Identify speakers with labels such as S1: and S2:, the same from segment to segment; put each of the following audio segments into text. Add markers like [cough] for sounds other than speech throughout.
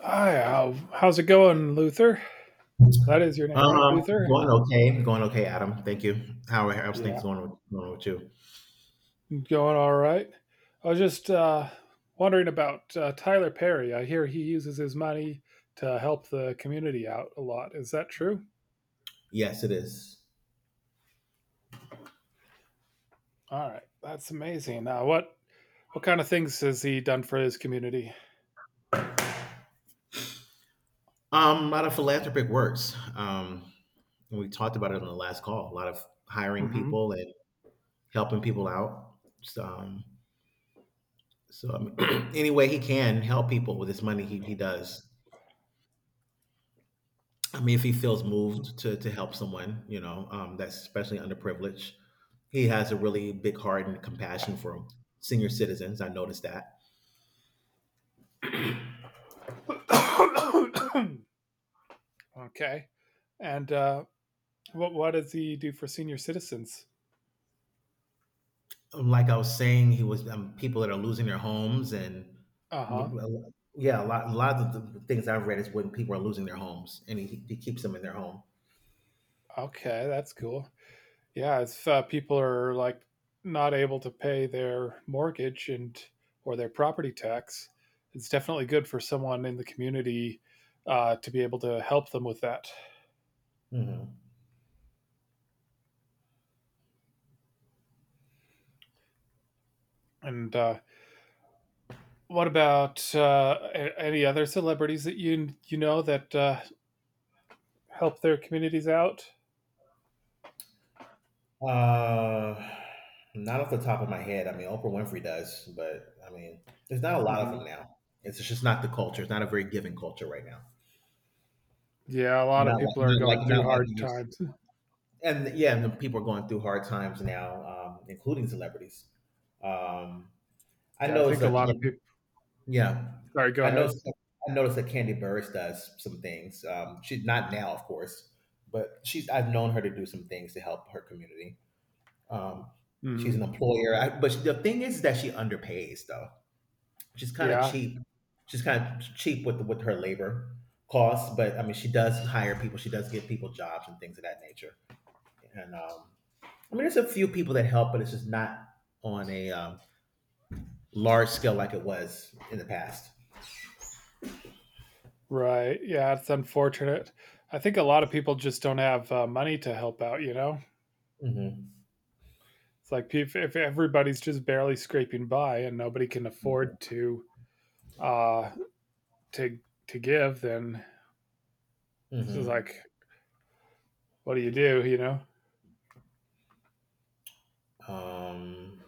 S1: Hi, how's it going, Luther? That is your name, right,
S2: Um,
S1: Luther?
S2: Going okay, going okay, Adam. Thank you. How's things
S1: Yeah,
S2: going going with you?
S1: going all right. I was just wondering about Tyler Perry. I hear he uses his money to help the community out a lot. Is that true?
S2: Yes, it is.
S1: All right, that's amazing. What kind of things has he done for his community?
S2: A lot of philanthropic works. And we talked about it on the last call. A lot of hiring
S1: Mm-hmm.
S2: people and helping people out. So, I mean, [clears throat] any way he can help people with his money, he does. I mean, if he feels moved to help someone, you know, that's especially underprivileged, he has a really big heart and compassion for senior citizens. I noticed that.
S1: [coughs] Okay, and uh, what does he do for senior citizens?
S2: Like I was saying, he was people that are losing their homes and
S1: Uh huh.
S2: yeah, a lot of the things I've read is when people are losing their homes, and he keeps them in their home.
S1: Okay, that's cool. Yeah, if people are like not able to pay their mortgage and or their property tax, it's definitely good for someone in the community to be able to help them with that.
S2: Hmm.
S1: And what about any other celebrities that you know that help their communities out?
S2: Uh, Not off the top of my head. I mean, Oprah Winfrey does, but I mean, there's not a lot of
S1: Hmm
S2: them now. It's just not the culture. It's not a very giving culture right now.
S1: Yeah, a lot of people are going
S2: Not
S1: through
S2: like
S1: hard
S2: it used to be.
S1: times. [laughs]
S2: And yeah, and the people are going through hard times now, including celebrities. Um, I
S1: Yeah, I
S2: know it's
S1: think a
S2: a
S1: lot of people.
S2: Yeah,
S1: Sorry, go
S2: I know.
S1: ahead.
S2: I noticed that Candy Burris does some things. She's not now, of course, but she's. I've known her to do some things to help her community. Um, she's an
S1: Hmm
S2: employer, but the thing is that she underpays though. She's kind of
S1: Yeah.
S2: cheap. She's kind of cheap with her labor costs, but I mean, she does hire people. She does give people jobs and things of that nature. And I mean, there's a few people that help, but it's just not on a large scale like it was in the past.
S1: Right. Yeah, it's unfortunate. I think a lot of people just don't have money to help out, you know?
S2: Hmm.
S1: It's like if everybody's just barely scraping by and nobody can afford to uh to give, then this is
S2: Hmm.
S1: like what do, you know?
S2: Um,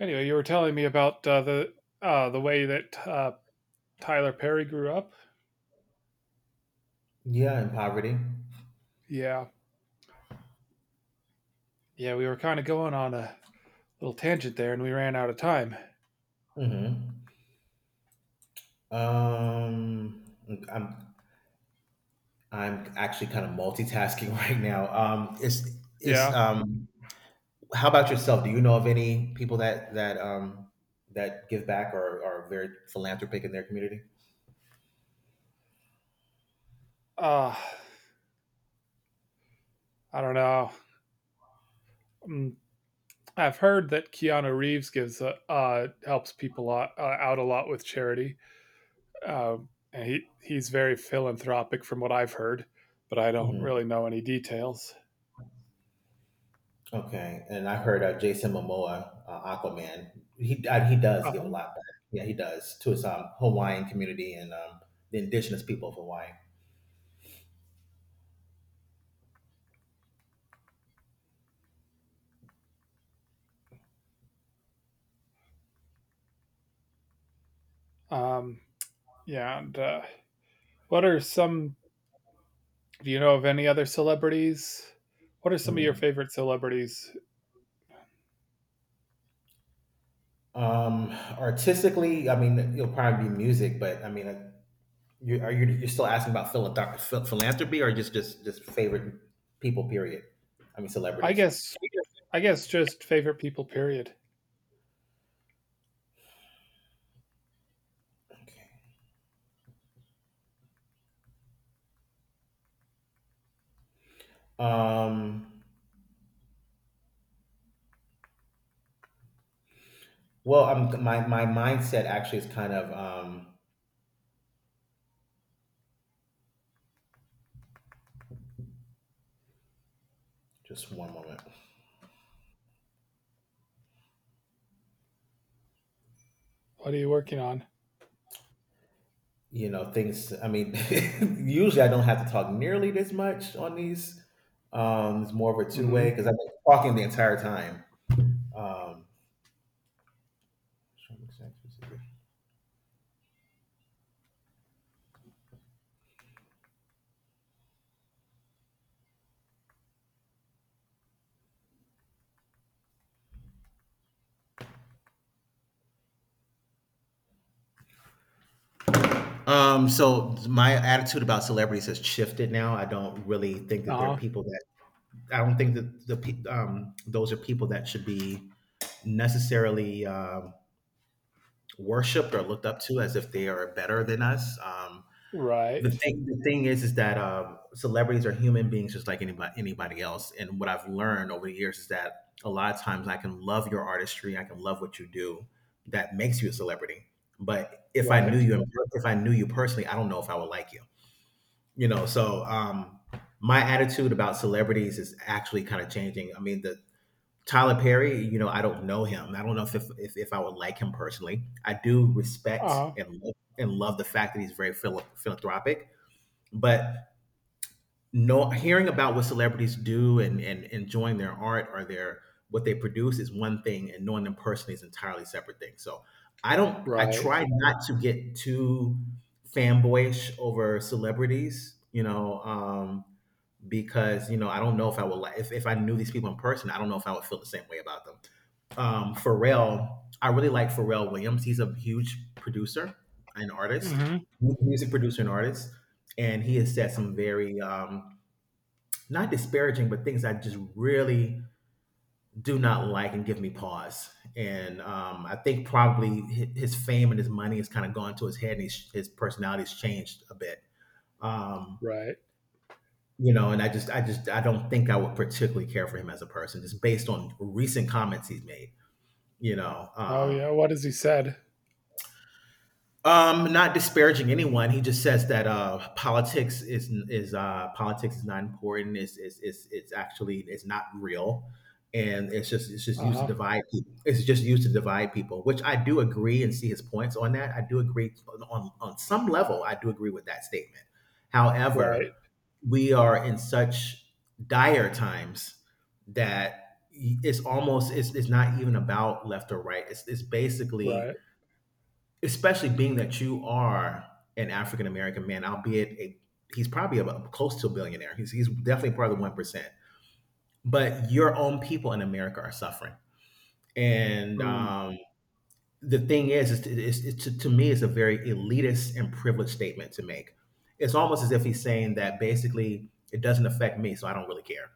S1: Anyway, you were telling me about the uh, the way that Tyler Perry grew up.
S2: yeah, in poverty.
S1: Yeah. Yeah, we were kind of going on a little tangent there and we ran out of time.
S2: Mm-hmm. Um, I'm I'm actually kind of multitasking [laughs] right now. It's it's
S1: Yeah.
S2: um. How about yourself? Do you know of any people that that give back or are very philanthropic in their community?
S1: Uh I don't know. Mm, I've heard that Keanu Reeves gives a, helps people lot, out a lot with charity. And he's very philanthropic from what I've heard, but I don't
S2: Hmm.
S1: really know any details.
S2: Okay, and I heard Jason Momoa, Aquaman. He does give a
S1: Um,
S2: lot back. Yeah, he does to his Hawaiian community and the indigenous people of Hawaii.
S1: um, yeah, and what are some? Do you know of any other celebrities? What are some of your
S2: Mm-hmm.
S1: favorite celebrities
S2: Um, Artistically, I mean, it'll probably be music, but I mean, you, are you you're still asking about philanthropy or just favorite people? Period. I mean,
S1: I
S2: celebrities.
S1: guess I guess just favorite people period.
S2: Okay. Um. Well, my mindset actually is kind of just one moment.
S1: What are you working on?
S2: You know, things. I mean, [laughs] usually I don't have to talk nearly this much on these. It's more of a two-way
S1: Mhm.
S2: because I've been talking the entire time. Um, so my attitude about celebrities has shifted now.
S1: Uh-huh.
S2: I don't think that those are people that should be necessarily worshipped or looked up to as if they are better than us. The
S1: Right.
S2: thing is that celebrities are human beings just like anybody else. And what I've learned over the years is that a lot of times I can love your artistry, I can love what you do, that makes you a celebrity. But if I knew
S1: Right.
S2: you, if I knew you personally, I don't know if I would like you know, so my attitude about celebrities is actually kind of changing. I mean, the Tyler Perry, you know, I don't know him. I don't know if I would like him personally. I do respect
S1: Uh-huh.
S2: and love the fact that he's very philanthropic, but no. Hearing about what celebrities do and enjoying their art or their, what they produce is one thing, and knowing them personally is an entirely separate thing. So I don't, I
S1: Right.
S2: try not to get too fanboyish over celebrities, you know. Because you know I don't know if I would like, if I knew these people in person, I don't know if I would feel the same way about them. Pharrell, I really like Pharrell Williams. He's a huge producer and artist,
S1: Mhm.
S2: music producer and artist, and he has said some very not disparaging, but things I just really do not like and give me pause. And I think probably his fame and his money has kind of gone to his head, and his personality has changed a bit. Um,
S1: Right.
S2: you know, and I just, I don't think I would particularly care for him as a person, just based on recent comments he's made. You know,
S1: Oh
S2: um,
S1: yeah, what has he said?
S2: Not disparaging anyone. He just says that politics is not important. It's actually it's not real, and it's just used to
S1: Uh-huh.
S2: divide people. It's just used to divide people, which I do agree and see his points on that. I do agree on some level. I do agree with that statement.
S1: Right.
S2: However, we are in such dire times that it's almost it's not even about left or right. It's Basically,
S1: Right.
S2: especially being that you are an African American man, he's probably about close to a billionaire. He's definitely part of the 1%. But your own people in America are suffering, and
S1: Mm.
S2: the thing is to me, it's a very elitist and privileged statement to make. It's almost as if he's saying that basically it doesn't affect me, so I don't really care.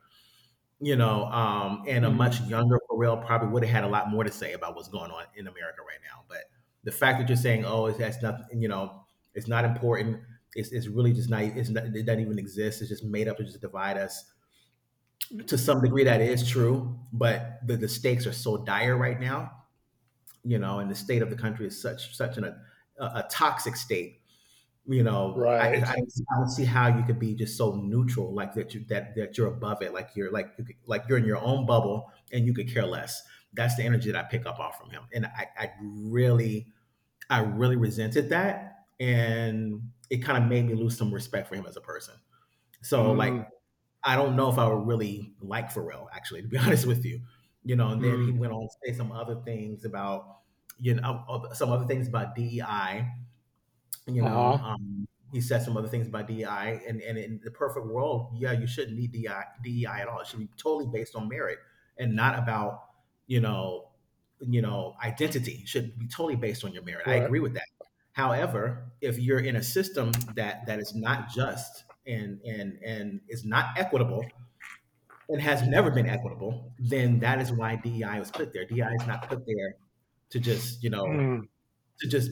S2: You know, and a much
S1: Mm.
S2: younger Pharrell probably would have had a lot more to say about what's going on in America right now. But the fact that you're saying, "Oh, it has nothing," you know, it's not important. It's really just not. It's not. It doesn't even exist. It's just made up to just divide us. To some degree, that is true. But the stakes are so dire right now. You know, and the state of the country is such such an, a toxic state. You know,
S1: Right.
S2: I don't see how you could be just so neutral, like that you that that you're above it, like you could, like you're in your own bubble and you could care less. That's the energy that I pick up off from him, and I really resented that, and it kind of made me lose some respect for him as a person. So
S1: Mm.
S2: like I don't know if I would really like Pharrell actually, to be [laughs] honest with you, you know. And then he
S1: Mm.
S2: went on to say some other things about, you know, some other things about DEI, you know,
S1: Uh-huh.
S2: he said some other things about DEI, and, in the perfect world, yeah, you shouldn't need DEI, at all. It should be totally based on merit and not about, you know, you know, identity. It should be totally based on your merit. I
S1: Right.
S2: agree with that. However, if you're in a system that is not just and is not equitable and has never been equitable, then that is why DEI was put there. DEI is not put there to just, you know,
S1: Mm.
S2: to just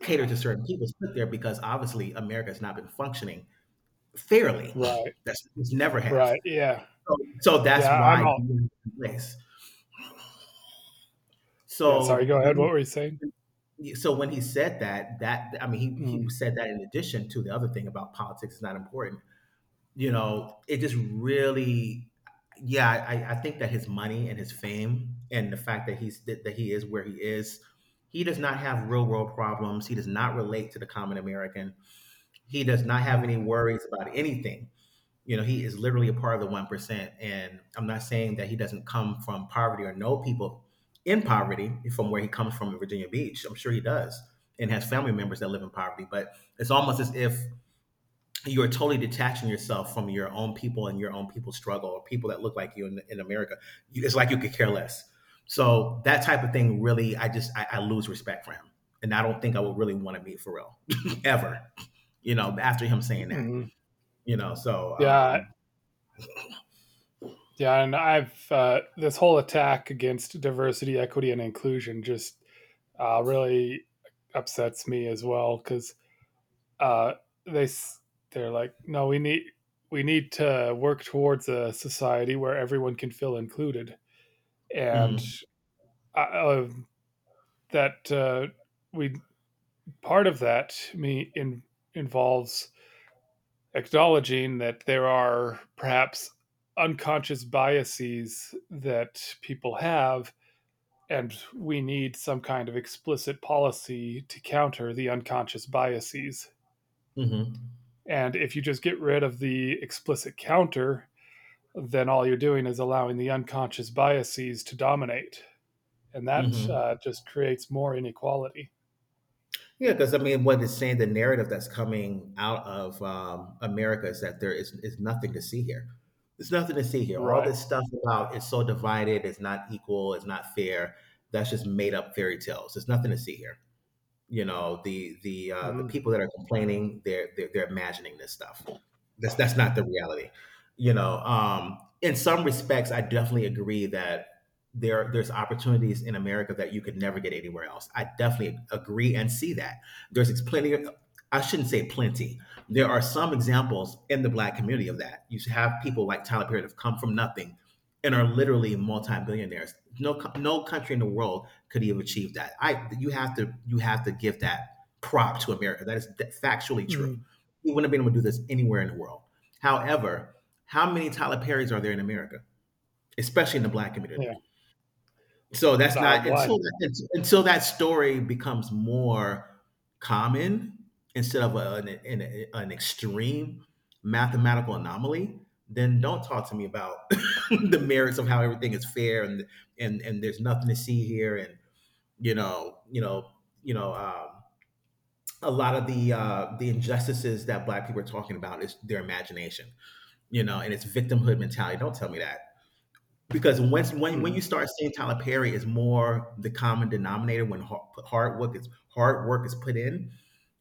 S2: cater to certain people, put there because obviously America has not been functioning fairly.
S1: Right.
S2: [laughs] That's, it's never have.
S1: Right. Yeah.
S2: So, so that's
S1: Yeah. I'm
S2: why
S1: all.
S2: dealing with the race.
S1: Yeah. Sorry.
S2: So
S1: Go ahead. What
S2: when
S1: were you saying?
S2: so when he said that, I mean, he
S1: Mm,
S2: said that in addition to the other thing about politics is not important. You know, it just really, yeah, I think that his money and his fame and the fact that he is where he is, he does not have real world problems. He does not relate to the common American. He does not have any
S1: mm,
S2: worries about anything. You know, he is literally a part of the 1%. And I'm not saying that he doesn't come from poverty or know people in poverty from where he comes from in Virginia Beach. I'm sure he does and has family members that live in poverty. But it's almost as if you are totally detaching yourself from your own people and your own people's struggle or people that look like you in America. It's like you could care less. So that type of thing really, I lose respect for him. And I don't think I would really want to meet Pharrell [laughs] ever, you know, after him saying that,
S1: mhm.
S2: you know, so,
S1: Yeah. Yeah. And I've this whole attack against diversity, equity, and inclusion just really upsets me as well because uh, they s- they're like, no, we need to work towards a society where everyone can feel included, and
S2: mhm,
S1: uh, uh, that we part of that me in involves acknowledging that there are perhaps unconscious biases that people have, and we need some kind of explicit policy to counter the unconscious biases.
S2: mhm,
S1: And if you just get rid of the explicit counter, then all you're doing is allowing the unconscious biases to dominate. And that
S2: mhm.
S1: just creates more inequality.
S2: Yeah, because I mean, what it's saying, the narrative that's coming out of America is that there is nothing to see here. There's nothing to see here. All
S1: Right.
S2: this stuff about it's so divided, it's not equal, it's not fair. That's just made up fairy tales. There's nothing to see here. You know, the the
S1: Mm-hmm.
S2: people that are complaining, they're imagining this stuff. That's not the reality. In some respects, I definitely agree that there's opportunities in America that you could never get anywhere else. I definitely agree and see that. There's plenty of I shouldn't say plenty. There are some examples in the black community of that. You have people like Tyler Perry that have come from nothing and are literally multi-billionaires. No country in the world could he have achieved that? I You have to give that prop to America. That is factually true.
S1: Mm-hmm.
S2: He wouldn't have been able to do this anywhere in the world. However, how many Tyler Perrys are there in America, especially in the black community?
S1: Yeah.
S2: So that's
S1: The
S2: not
S1: one.
S2: until until that story becomes more common instead of an extreme mathematical anomaly. Then don't talk to me about [laughs] the merits of how everything is fair and and there's nothing to see here and you know, you know, you know, um, a lot of the the injustices that Black people are talking about is their imagination, you know, and it's victimhood mentality. Don't tell me that because once when
S1: Mm-hmm.
S2: you start seeing Tyler Perry is more the common denominator when hard work is put in,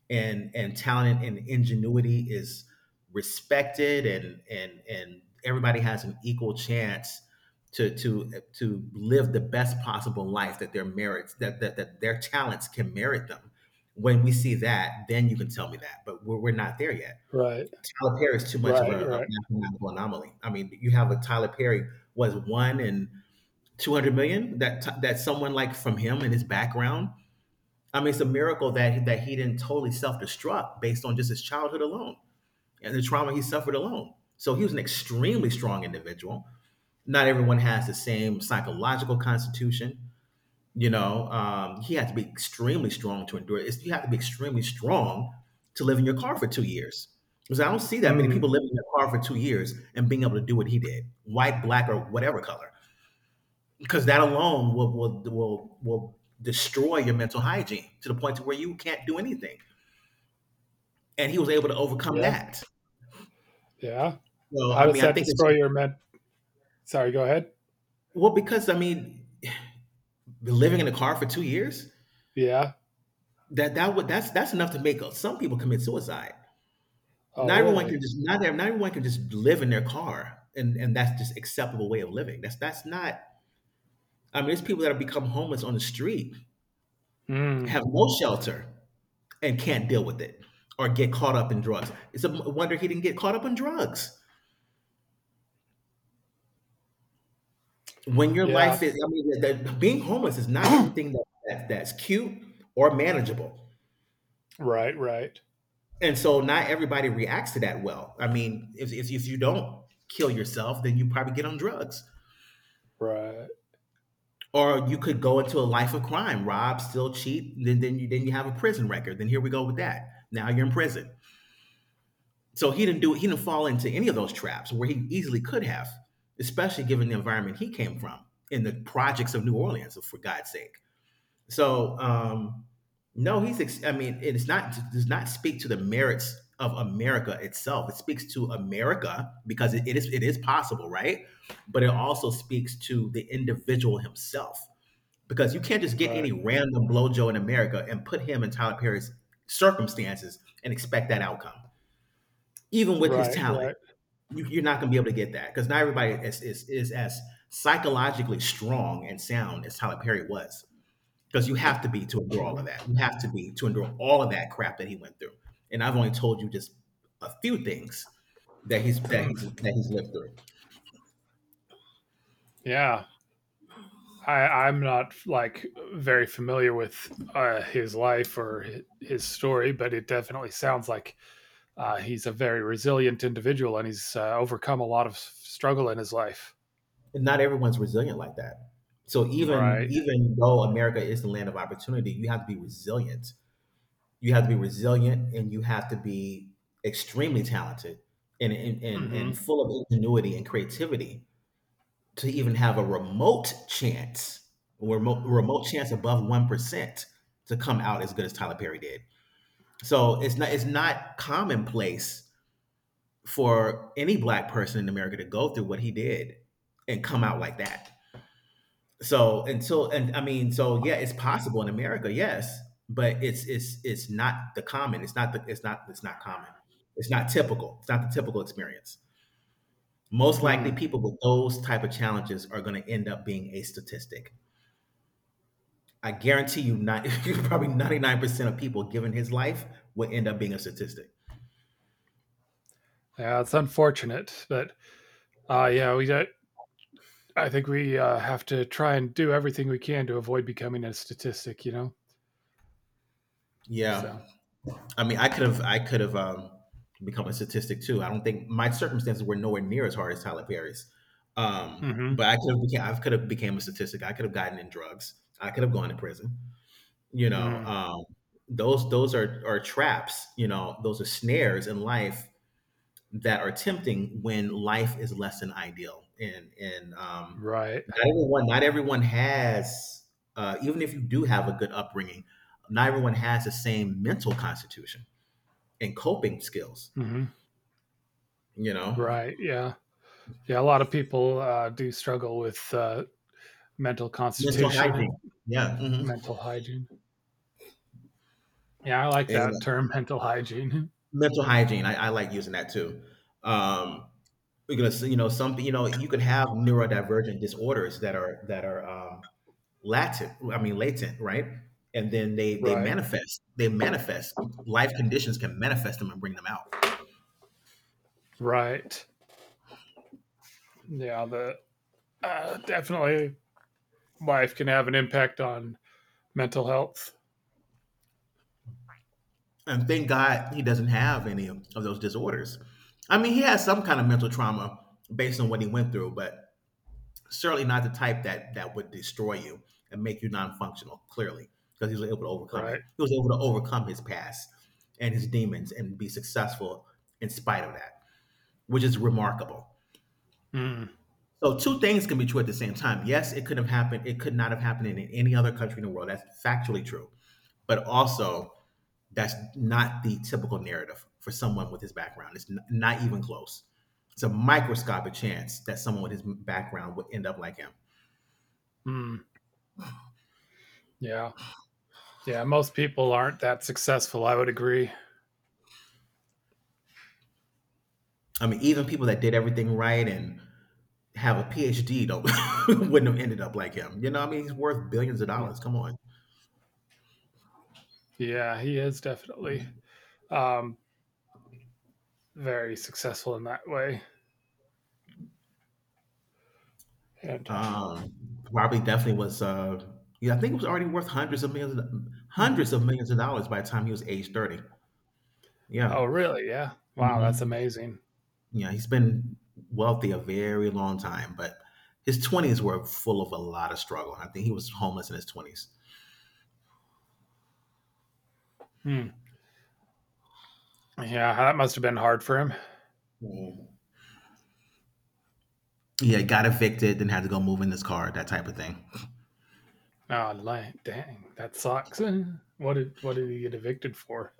S2: and talent and ingenuity is respected and and everybody has an equal chance to live the best possible life that their merits that that, that their talents can merit them. When we see that, then you can tell me that, but we're not there yet.
S1: Right.
S2: Tyler Perry is too much of
S1: Right.
S2: a
S1: Right.
S2: mathematical anomaly. I mean, you have a Tyler Perry was one in 200 million that someone like from him and his background. I mean, it's a miracle that he didn't totally self-destruct based on just his childhood alone and the trauma he suffered alone. So he was an extremely strong individual. Not everyone has the same psychological constitution. He had to be extremely strong to endure. It's, you have to be extremely strong to live in your car for 2 years. Because I don't see that many
S1: Mm.
S2: people living in their car for 2 years and being able to do what he did, white, black, or whatever color. Because that alone will destroy your mental hygiene to the point to where you can't do anything, and he was able to overcome
S1: Yeah.
S2: that.
S1: Yeah.
S2: So
S1: How
S2: I
S1: does
S2: mean, I
S1: that
S2: think it's
S1: destroy your men Sorry, go ahead.
S2: because I mean, living in a car for 2 years,
S1: Yeah.
S2: that that would that's enough to make some people commit suicide.
S1: Oh, really?
S2: Not everyone can just live in their car and that's just acceptable way of living. That's not. I mean, there's people that have become homeless on the street,
S1: Mm,
S2: have no shelter, and can't deal with it, or get caught up in drugs. It's a wonder he didn't get caught up in drugs. When your
S1: yeah.
S2: life is I mean, the being homeless is not anything
S1: [clears throat]
S2: that that's cute or manageable,
S1: Right, right.
S2: and so not everybody reacts to that well. I mean, if if you don't kill yourself, then you probably get on drugs.
S1: Right,
S2: Or you could go into a life of crime, rob, steal, cheat, then you then you have a prison record. Then here we go with that. Now you're in prison. So he didn't fall into any of those traps where he easily could have, especially given the environment he came from in the projects of New Orleans, for God's sake. So um, no, he's. I mean, it's not it does not speak to the merits of America itself. It speaks to America because it is possible, right? But it also speaks to the individual himself because you can't just get
S1: right.
S2: any random blowjo in America and put him in Tyler Perry's circumstances and expect that outcome, even with his
S1: Right,
S2: talent.
S1: right.
S2: You're not going to be able to get that because not everybody is as psychologically strong and sound as Tyler Perry was because you have to be to endure all of
S1: Mhm.
S2: that. You have to be to endure all of that crap that he went through. And I've only told you just a few things that
S1: [clears throat]
S2: he's lived through.
S1: Yeah. I'm not, like, very familiar with, his life or hi his story, but it definitely sounds like, he's a very resilient individual, and he's, overcome a lot of s struggle in his life.
S2: And not everyone's resilient like that. So
S1: Right.
S2: even though America is the land of opportunity, you have to be resilient. You have to be resilient, and you have to be extremely talented and and
S1: Mhm.
S2: full of ingenuity and creativity to even have a remote chance, remote chance above 1% to come out as good as Tyler Perry did. So it's not commonplace for any black person in America to go through what he did and come out like that. So until so yeah, it's possible in America, yes, but it's it's not the common. It's not common. It's not typical. It's not the typical experience. Most likely,
S1: Mm.
S2: people with those type of challenges are going to end up being a statistic. I guarantee you, not [laughs] probably 99% of people, given his life, would end up being a statistic.
S1: Yeah, it's unfortunate, but, yeah, we don't I think we have to try and do everything we can to avoid becoming a statistic, you know? So,
S2: Yeah, I mean, I could have become a statistic too. I don't think my circumstances were nowhere near as hard as Tyler Perry's,
S1: mm-hmm.
S2: but I could have became a statistic. I could have gotten in drugs. I could have gone to prison. You know,
S1: Mm,
S2: um, those are traps. You know, those are snares in life that are tempting when life is less than ideal. And
S1: right.
S2: not everyone, not everyone has, even if you do have a good upbringing, not everyone has the same mental constitution and coping skills.
S1: Mm-hmm.
S2: You know,
S1: Right. Yeah. Yeah. A lot of people do struggle with mental
S2: mental
S1: constitution
S2: hygiene.
S1: and
S2: Yeah, hmm.
S1: mental hygiene. Yeah. I like
S2: And
S1: that term, mental hygiene.
S2: mental hygiene. I like using that too. Um, because you know, some you know, you could have neurodivergent disorders that are latent. I mean latent, right. And then
S1: [laughs]
S2: they
S1: right.
S2: manifest. Life conditions can manifest them and bring them out.
S1: Right. Yeah. The definitely life can have an impact on mental health.
S2: And thank God he doesn't have any of those disorders. I mean, he has some kind of mental trauma based on what he went through, but certainly not the type that would destroy you and make you non-functional, clearly, because he was able to overcome it.
S1: Right.
S2: He was able to overcome his past and his demons and be successful in spite of that, which is remarkable.
S1: Mm,
S2: So two things can be true at the same time. Yes, it could have happened. It could not have happened in any other country in the world. That's factually true. But also, that's not the typical narrative for someone with his background. Not even close. It's a microscopic chance that someone with his background would end up like him.
S1: mm, yeah. Yeah. Most people aren't that successful. I would agree.
S2: I mean, even people that did everything right and have a PhD don't [laughs] wouldn't have ended up like him. You know, I mean, he's worth billions of dollars. Come on.
S1: Yeah, he is definitely um, very successful in that way. And
S2: Um, Probably definitely was, yeah, I think it was already worth
S1: mhm.
S2: hundreds of millions of dollars by the time he was age 30.
S1: Oh,
S2: Yeah.
S1: really? Yeah. Wow, that's
S2: Mhm.
S1: amazing.
S2: Yeah, he's been wealthy a very long time, but his 20s were full of a lot of struggle. I think he was homeless in his 20s.
S1: Hmm. Yeah, that must have been hard for him.
S2: Mhm. Yeah, got evicted, then had to go move in his car, that type of thing.
S1: Oh, li- dang, that sucks. [laughs] Eh, what did he get evicted for?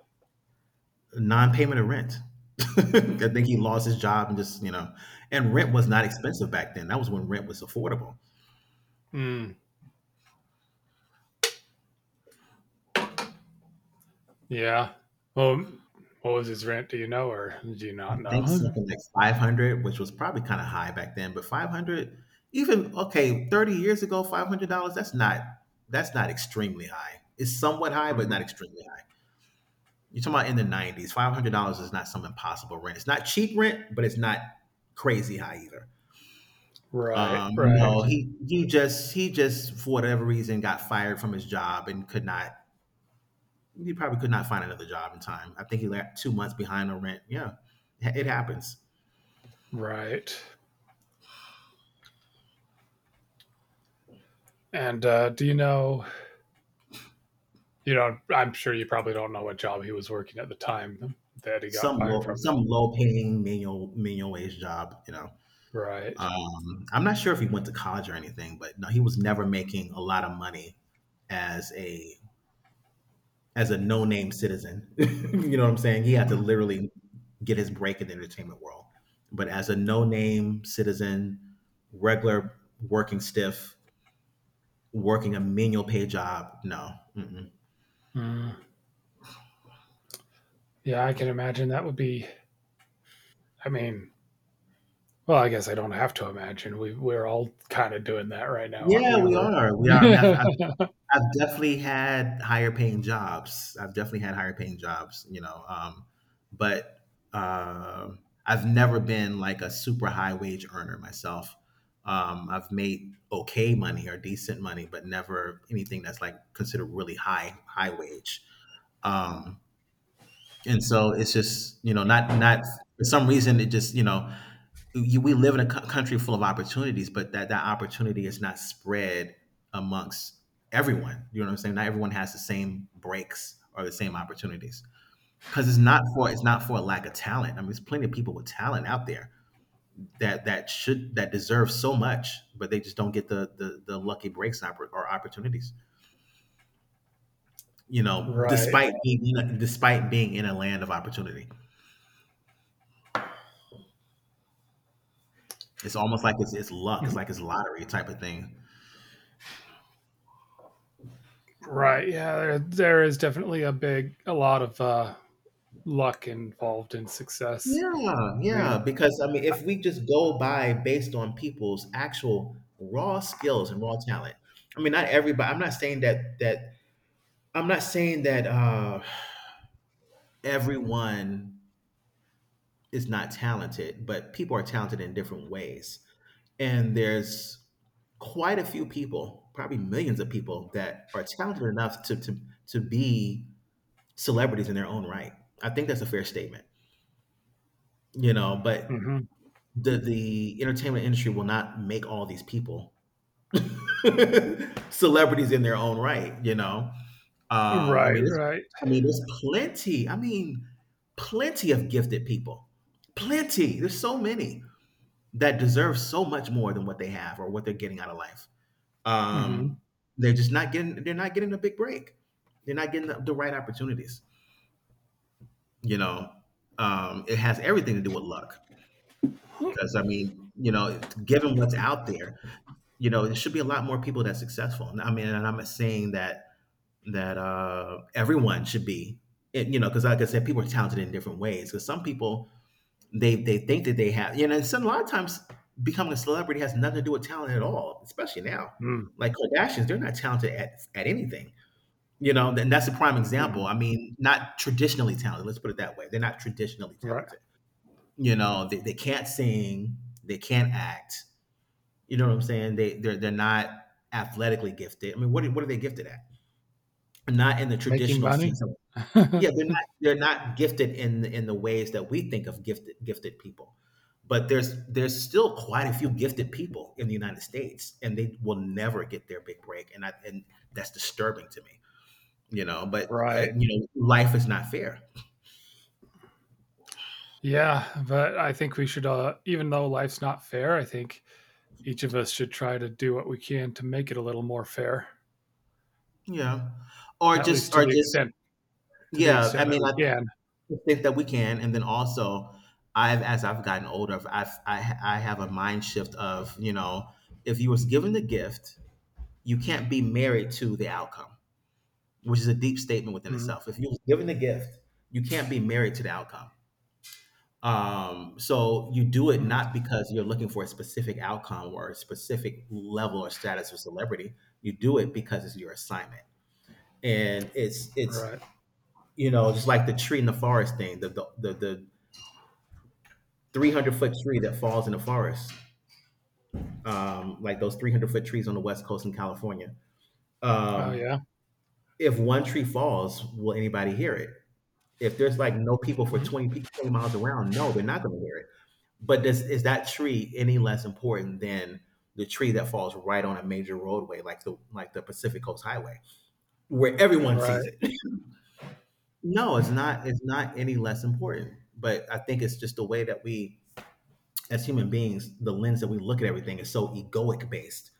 S2: Non-payment of rent. [laughs] I think he lost his job and just, you know, and rent was not expensive back then. That was when rent was affordable.
S1: Hmm. Yeah. Well, what was his rent? Do you know, or do you
S2: I
S1: not
S2: think
S1: know?
S2: something like 500, which was probably kind of high back then, but 500, even okay, 30 years ago, $500, that's not extremely high. It's somewhat
S1: [laughs]
S2: high, but
S1: hmm
S2: not extremely high. You're talking about in the 90s, $500 is not some impossible rent. It's not cheap rent, but it's not crazy high either.
S1: Right, right,
S2: No, he just for whatever reason got fired from his job and could not he probably could not find another job in time. I think he left 2 months behind on rent. Yeah, it happens.
S1: right. And do you know? You know, I'm sure you probably don't know what job he was working at the time that he got
S2: Some
S1: fired from. Now.
S2: low paying manual wage job, you know.
S1: Right.
S2: I'm not sure if he went to college or anything, but no, he was never making a lot of money as a no name citizen. [laughs] You know what I'm saying? He had to
S1: hmm
S2: literally get his break in the entertainment world, but as a no name citizen, regular working stiff, working a manual pay job. No. Mm-mm.
S1: Yeah, I can imagine that would be. I mean, well, I guess I don't have to imagine. We're all kind of doing that right now, aren't
S2: Yeah,
S1: we?
S2: we
S1: We're
S2: are, I mean,
S1: [laughs]
S2: I've definitely had higher paying jobs. I've definitely had higher paying jobs, but I've never been like a super high wage earner myself. I've made okay money or decent money, but never anything that's like considered really high wage. Um, and so it's just, not not for some reason it just, we live in a country full of opportunities, but that opportunity is not spread amongst everyone. You know what I'm saying? Not everyone has the same breaks or the same opportunities, because it's not for a lack of talent. I mean, there's plenty of people with talent out there that deserve so much, but they just don't get the lucky breaks, or opportunities. You know,
S1: right,
S2: despite being in a land of opportunity, it's almost like it's luck. It's
S1: Mm,
S2: like it's lottery type of thing.
S1: right. Yeah, there is definitely a big, a lot of luck involved in success.
S2: Yeah,
S1: I
S2: yeah,
S1: mean,
S2: because I mean, if we just go by based on people's actual raw skills and raw talent, I mean, not everybody. I'm not saying that I'm not saying that everyone is not talented, but people are talented in different ways, and there's quite a few people, probably millions of people, that are talented enough to be celebrities in their own right. I think that's a fair statement, you know. But
S1: hmm
S2: the entertainment industry will not make all these people [laughs] celebrities in their own right, you know? I
S1: right,
S2: mean, it's
S1: right,
S2: I mean, there's plenty. I mean, plenty of gifted people. Plenty. There's so many that deserve so much more than what they have or what they're getting out of life. Um,
S1: hmm
S2: they're just not getting. They're not getting a big break. They're not getting the right opportunities. You know, it has everything to do with luck, because I mean, you know, given what's out there, you know there should be a lot more people that's successful. I mean, and I'm not saying that everyone should be it, you know, because like I said, people are talented in different ways, because some people, they think that they have, you know, and some, a lot of times becoming a celebrity has nothing to do with talent at all, especially now,
S1: mm
S2: like Kardashians. They're not talented at anything, you know, and that's a prime example.
S1: mm.
S2: I mean, not traditionally talented, let's put it that way. They're not traditionally
S1: Right.
S2: talented. You know, they can't sing, they can't act, you know what I'm saying? They're not athletically gifted. I mean, what are they gifted at? Not in the
S1: Making
S2: traditional
S1: money.
S2: sense of. Yeah,
S1: [laughs]
S2: they're not gifted in the ways that we think of gifted people. But there's still quite a few gifted people in the United States, and they will never get their big break, and that's disturbing to me. You know, but
S1: Right?
S2: you know, life is not fair.
S1: Yeah, but I think we should. Even though life's not fair, I think each of us should try to do what we can to make it a little more fair,
S2: Yeah,
S1: at least
S2: or just,
S1: to the
S2: yeah. I
S1: extent that
S2: mean,
S1: we can.
S2: think that we can, and then also, I've as I've gotten older, I have a mind shift of, you know, if you was given the gift, you can't be married to the outcome, which is a deep statement within
S1: Mhm.
S2: itself. If you was given the gift, you can't be married to the outcome. So you do it
S1: Mhm.
S2: not because you're looking for a specific outcome or a specific level or status or celebrity. You do it because it's your assignment, and it's
S1: Right.
S2: just like the tree in the forest thing, the 300-foot tree that falls in the forest. Like those 300-foot trees on the West Coast in California.
S1: Oh
S2: Um,
S1: yeah.
S2: if one tree falls, will anybody hear it? If there's like no people for
S1: Mhm.
S2: 20 miles around, no, they're not going to hear it. But does, is that tree any less important than the tree that falls right on a major roadway, like the Pacific Coast Highway, where everyone sees
S1: Right.
S2: it? [laughs] No, it's not. It's not any less important. But I think it's just the way that we as human beings, the lens that we look at everything is so egoic based,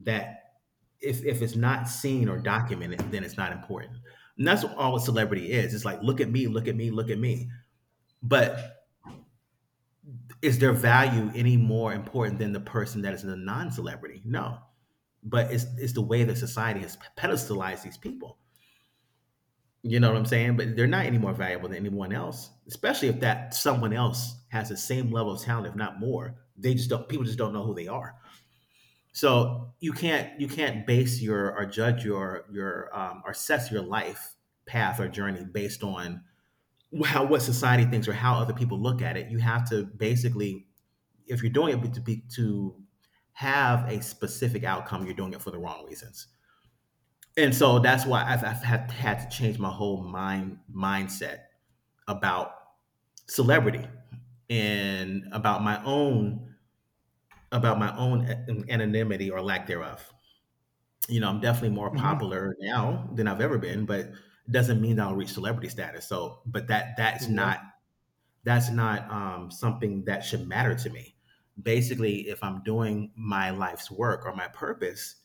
S2: that if it's not seen or documented, then it's not important. And that's what all a celebrity is. It's like, look at me, look at me, look at me. But is their value any more important than the person that is a non celebrity? No. But it's the way that society has pedestalized these people. You know what I'm saying? But they're not any more valuable than anyone else, especially if that someone else has the same level of talent, if not more. They just don't, people just don't know who they are. So you can't base your, or judge your or assess your life path or journey based on how, what society thinks or how other people look at it. You have to basically, if you're doing it to be to have a specific outcome, you're doing it for the wrong reasons. And so that's why had to change my whole mindset about celebrity, and about my own, about my own anonymity or lack thereof. You know, I'm definitely more
S1: hmm
S2: popular now than I've ever been, but it doesn't mean I'll reach celebrity status. So, but that's
S1: Yeah.
S2: not, something that should matter to me. Basically, if I'm doing my life's work or my purpose,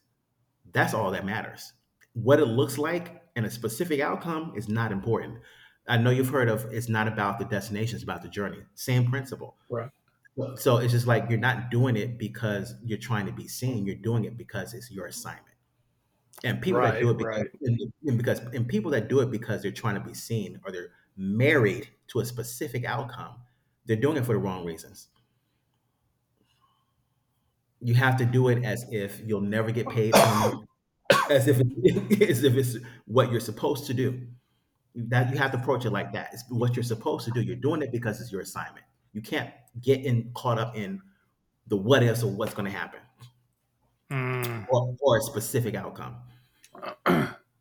S2: that's all that matters. What it looks like and a specific outcome is not important. I know you've heard of, it's not about the destination, it's about the journey. Same principle.
S1: Right.
S2: So it's just like you're not doing it because you're trying to be seen. You're doing it because it's your assignment, and
S1: Right. Right.
S2: people that do it because they're trying to be seen, or they're married to a specific outcome, they're doing it for the wrong reasons. You have to do it as if you'll never get paid from it,
S1: [coughs]
S2: as if [laughs] as if it's what you're supposed to do, that you have to approach it like that, it's what you're supposed to do. You're doing it because it's your assignment. You can't get in caught up in the what ifs, or what's going to happen,
S1: Mm.
S2: or a specific outcome.
S1: [coughs]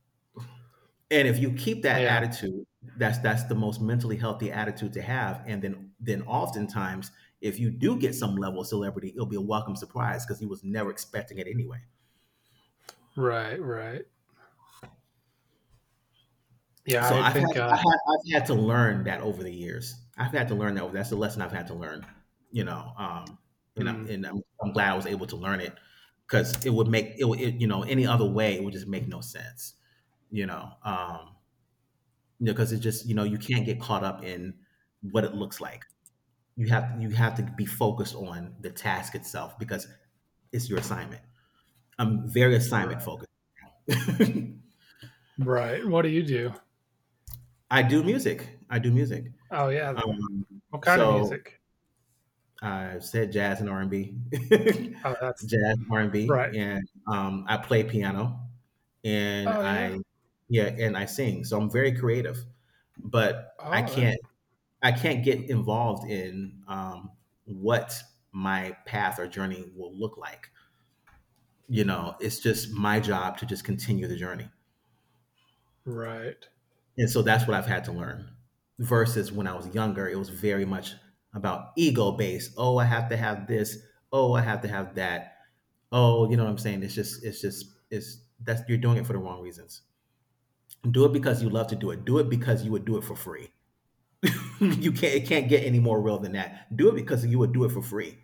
S2: And if you keep that
S1: Yeah.
S2: attitude, that's the most mentally healthy attitude to have. And then oftentimes, if you do get some level of celebrity, it'll be a welcome surprise because you was never expecting it anyway.
S1: Right. Right. Yeah.
S2: So
S1: I think.
S2: I've had to learn that over the years. I've had to learn that. That's the lesson I've had to learn. You know, and I'm
S1: Mm.
S2: and I'm, I'm glad I was able to learn it, because it would make it, it, you know, any other way it would just make no sense. You know, you know, because it just, you know, you can't get caught up in what it looks like. You have, you have to be focused on the task itself because it's your assignment. I'm very assignment
S1: Right.
S2: focused. [laughs]
S1: Right. What do you do?
S2: I do music. I do music.
S1: Oh yeah.
S2: Um,
S1: What kind of
S2: so
S1: music?
S2: I said jazz and R and B, [laughs]
S1: Oh, that's
S2: jazz R and B,
S1: right.
S2: and I play piano and
S1: Oh yeah.
S2: I, yeah, and I sing. So I'm very creative, but
S1: Oh, that
S2: I can't get involved in what my path or journey will look like. You know, it's just my job to just continue the journey.
S1: right.
S2: And so that's what I've had to learn. Versus when I was younger, it was very much about ego based. Oh, I have to have this. Oh, I have to have that. Oh, you know what I'm saying? It's, that's you're doing it for the wrong reasons. Do it because you love to do it. Do it because you would do it for free. [laughs] You can't, it can't get any more real than that. Do it because you would do it for free.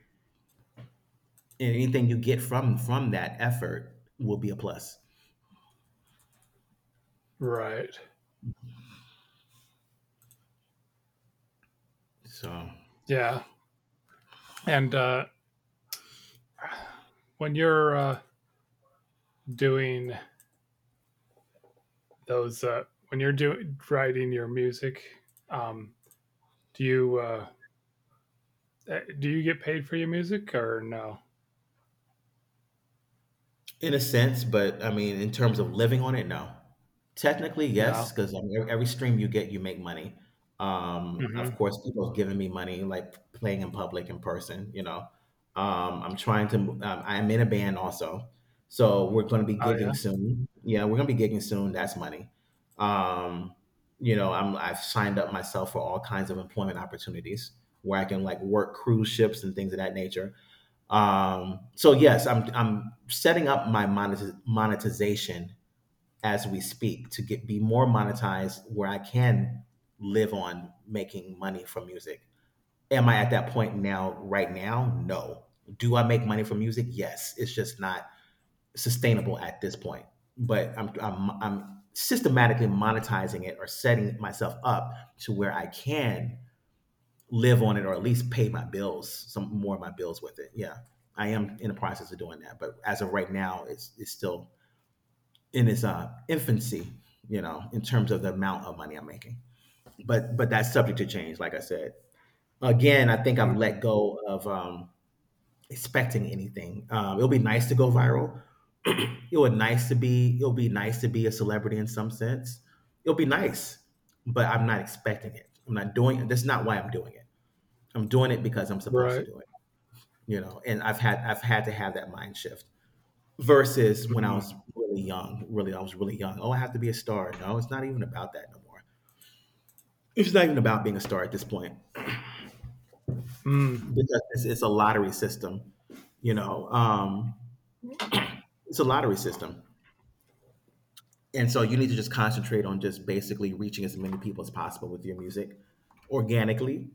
S2: And anything you get from that effort will be a plus.
S1: Right.
S2: So
S1: Yeah. And when you're uh, doing when you're doing writing your music? Um, do you do you get paid for your music or no?
S2: in a sense, but I mean, in terms of living on it, no. Technically, yes,
S1: No.
S2: because I mean, every stream you get, you make money. Of
S1: hmm
S2: course, people have given me money, like playing in public in person. You know, I'm trying to. I'm in a band also, so we're going to be
S1: Oh yeah.
S2: gigging soon. Yeah, we're going to be gigging soon. That's money. Um, you know, I've signed up myself for all kinds of employment opportunities where I can like work cruise ships and things of that nature. So yes, I'm setting up my monetization as we speak to get be more monetized where I can live on making money from music. Am I at that point now right now? No. Do I make money from music? Yes. It's just not sustainable at this point. But I'm systematically monetizing it or setting myself up to where I can live on it or at least pay my bills, some more of my bills with it. Yeah, I am in the process of doing that, but as of right now, it's still in its infancy, you know, in terms of the amount of money I'm making. But that's subject to change, like I said. Again, I think I've
S1: hmm
S2: let go of expecting anything. It'll be nice to go viral. It would nice to be. It'll be nice to be a celebrity in some sense. It'll be nice, but I'm not expecting it. I'm not doing it. That's not why I'm doing it. I'm doing it because I'm supposed to
S1: Right.
S2: do it. You know, and I've had to have that mind shift versus when I
S1: mm
S2: was really young. Really, I was really young. Oh, I have to be a star. No, it's not even about that no more. It's not even about being a star at this point
S1: Mm.
S2: because it's a lottery system, you know. It's a lottery system, and so you need to just concentrate on just basically reaching as many people as possible with your music organically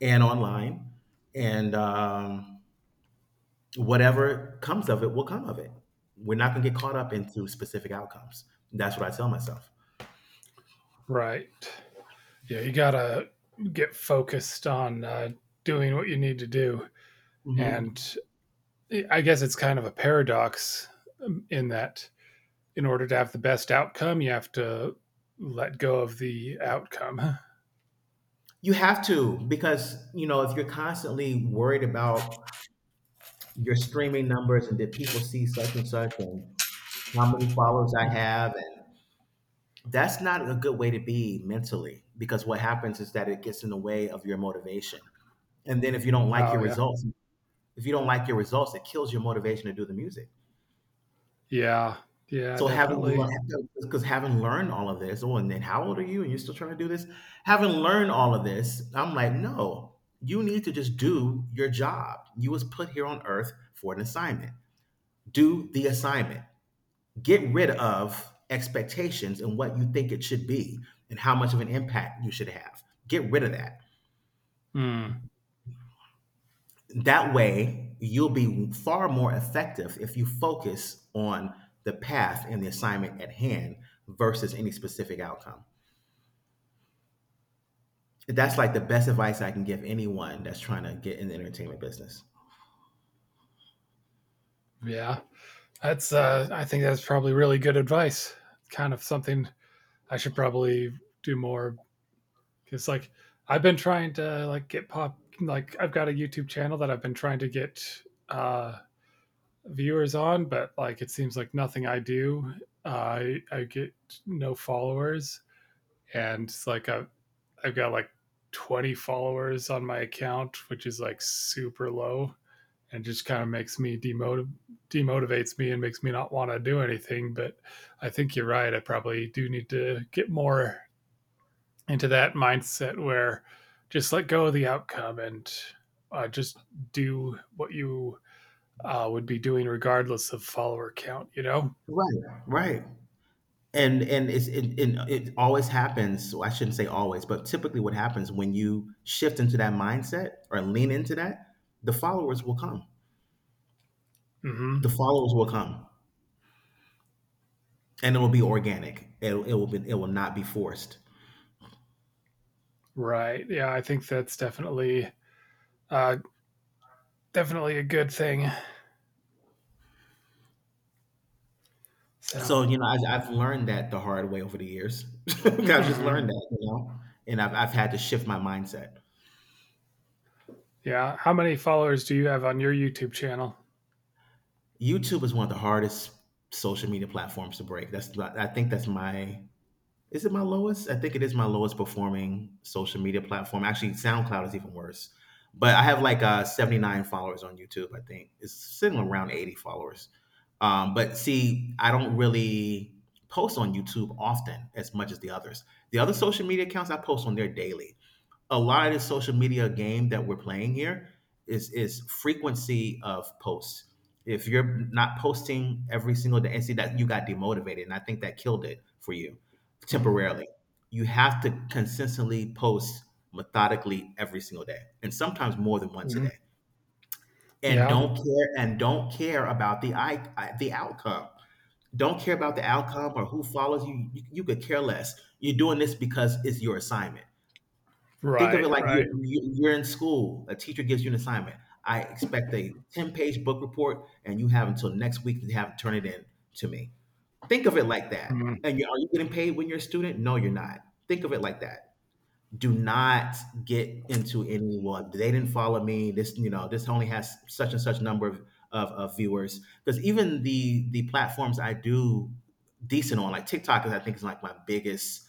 S2: and online, and whatever comes of it will come of it. We're not going to get caught up into specific outcomes. That's what I tell myself.
S1: Right. Yeah, you gotta get focused on doing what you need to do,
S2: hmm
S1: and I guess it's kind of a paradox in that in order to have the best outcome, you have to let go of the outcome.
S2: You have to, because, you know, if you're constantly worried about your streaming numbers and did people see such and such and how many followers I
S1: [laughs]
S2: have, and that's not a good way to be mentally because what happens is that it gets in the way of your motivation. And then if you don't like
S1: Oh
S2: your
S1: yeah.
S2: results, if you don't like your results, it kills your motivation to do the music.
S1: Yeah. Yeah,
S2: So having,
S1: definitely.
S2: because having learned all of this, oh, and then how old are you? And you're still trying to do this? Having learned all of this, I'm like, no, you need to just do your job. You was put here on earth for an assignment. Do the assignment. Get rid of expectations and what you think it should be and how much of an impact you should have. Get rid of that.
S1: Mm,
S2: That way, you'll be far more effective if you focus on the path and the assignment at hand versus any specific outcome. That's like the best advice I can give anyone that's trying to get in the entertainment business.
S1: yeah. That's, I think that's probably really good advice. Kind of something I should probably do more because, like, I've been trying to like get pop. Like, I've got a YouTube channel that I've been trying to get uh, viewers on, but like, it seems like nothing I do, uh, I get no followers, and it's like I've got like 20 followers on my account, which is like super low. And just kind of makes me demotivates me and makes me not want to do anything. But I think you're right. I probably do need to get more into that mindset where just let go of the outcome and just do what you would be doing regardless of follower count. You know?
S2: Right, right. And it always happens. So I shouldn't say always, but typically what happens when you shift into that mindset or lean into that, the followers will come. The
S1: Mm-hmm.
S2: followers will come, and it will be organic. It will not be forced.
S1: Right. Yeah. I think that's definitely uh, definitely a good thing. So.
S2: So you know, I've learned that the hard way over the years. [laughs] I've just
S1: Mm-hmm.
S2: learned that, you know, and I've had to shift my mindset.
S1: Yeah. How many followers do you have on your YouTube channel?
S2: YouTube is one of the hardest social media platforms to break. That's I think that's my, is it my lowest? I think it is my lowest performing social media platform. Actually, SoundCloud is even worse. But I have like 79 followers on YouTube. I think it's sitting around 80 followers. But see, I don't really post on YouTube often as much as the others. The other social media accounts I post on there daily. A lot of this social media game that we're playing here is frequency of posts. If you're not posting every single day, and see that you got demotivated, and I think that killed it for you
S1: Mm-hmm.
S2: temporarily. You have to consistently post methodically every single day, and sometimes more than once a
S1: Mm-hmm.
S2: day. And
S1: Yeah.
S2: don't care, and don't care about the, I the outcome. Don't care about the outcome or who follows you. You could care less. You're doing this because it's your assignment. Think of
S1: Right,
S2: it like
S1: right.
S2: you, you're in school. A teacher gives you an assignment. I expect a 10-page book report, and you have until next week to have turn it in to me. Think of it like that. And you, are you getting paid when you're a student? No, you're not. Think of it like that. Do not get into any well. They didn't follow me. This, you know, this only has such and such number of of viewers because even the platforms I do decent on like TikTok is, I think is like my biggest,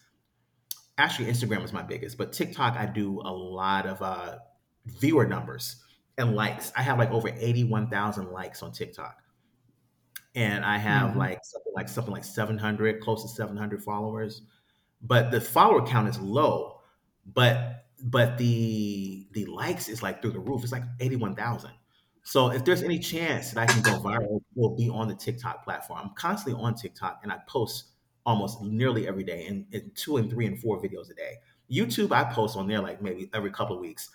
S2: actually Instagram was my biggest, but TikTok I do a lot of viewer numbers and likes. I have like over 81,000 likes on TikTok, and I have
S1: Mm-hmm.
S2: like something like 700, close to 700 followers, but the follower count is low, but but the likes is like through the roof. It's like 81,000. So if there's any chance that I can go viral, will be on the TikTok platform. I'm constantly on TikTok and I post almost nearly every day, and two and three and four videos a day. YouTube, I post on there like maybe every couple of weeks.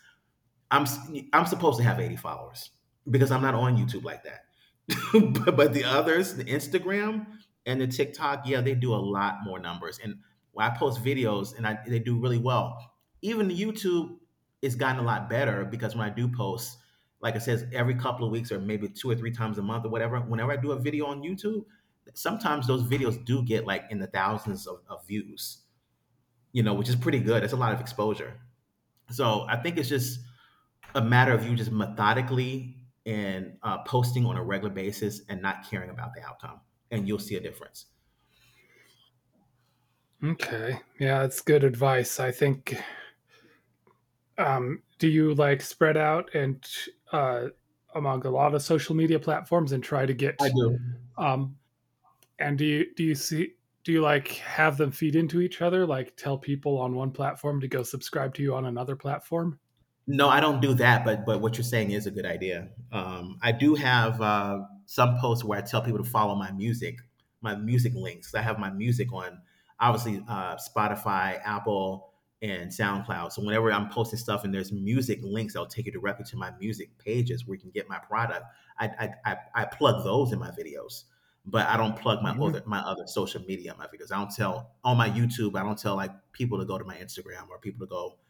S2: I'm s- I'm supposed to have 80 followers because I'm not on YouTube like that. [laughs] But the others, the Instagram and the TikTok, yeah, they do a lot more numbers. And when I post videos, and I, they do really well. Even YouTube, it's gotten a lot better because when I do post, like I said, every couple of weeks or maybe two or three times a month or whatever, whenever I do a video on YouTube, sometimes those videos do get like in the thousands of views, you know, which is pretty good. It's a lot of exposure. So I think it's just a matter of you just methodically and posting on a regular basis and not caring about the outcome, and you'll see a difference.
S1: Okay. Yeah, that's good advice. I think, do you like spread out and uh, among a lot of social media platforms and try to
S2: I
S1: get
S2: do.
S1: um, and do you see do you like have them feed into each other? Like tell people on one platform to go subscribe to you on another platform?
S2: No, I don't do that, but what you're saying is a good idea. I do have some posts where I tell people to follow my music links. I have my music on obviously Spotify, Apple, and SoundCloud. So whenever I'm posting stuff and there's music links, I'll take you directly to my music pages where you can get my product. I I plug those in my videos, but I don't plug my
S1: Mhm.
S2: other, social media in my videos. I don't tell on my YouTube. I don't tell like people to go to my Instagram or people to go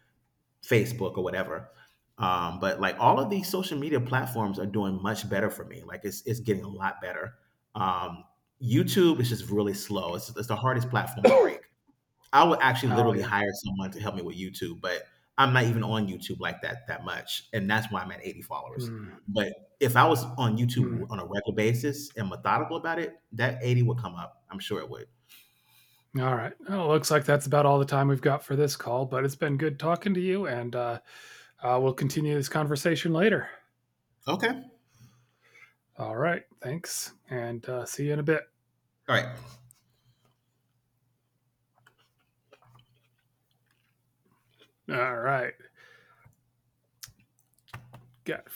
S2: Facebook or whatever. But like all of these social media platforms are doing much better for me. Like it's getting a lot better. Um, YouTube is just really slow. It's the hardest platform to break.
S1: [coughs]
S2: I would actually
S1: Oh
S2: literally
S1: yeah.
S2: hire someone to help me with YouTube, but I'm not even on YouTube like that that much, and that's why I'm at 80 followers.
S1: Mm,
S2: But if I was on YouTube
S1: mm. [coughs]
S2: on a regular basis and methodical about it, that 80 would come up. I'm sure it would.
S1: All right. Well, looks like that's about all the time we've got for this call, but it's been good talking to you, and we'll continue this conversation later.
S2: Okay. All
S1: All right. Thanks, and see you in a bit.
S2: right.
S1: All right. Got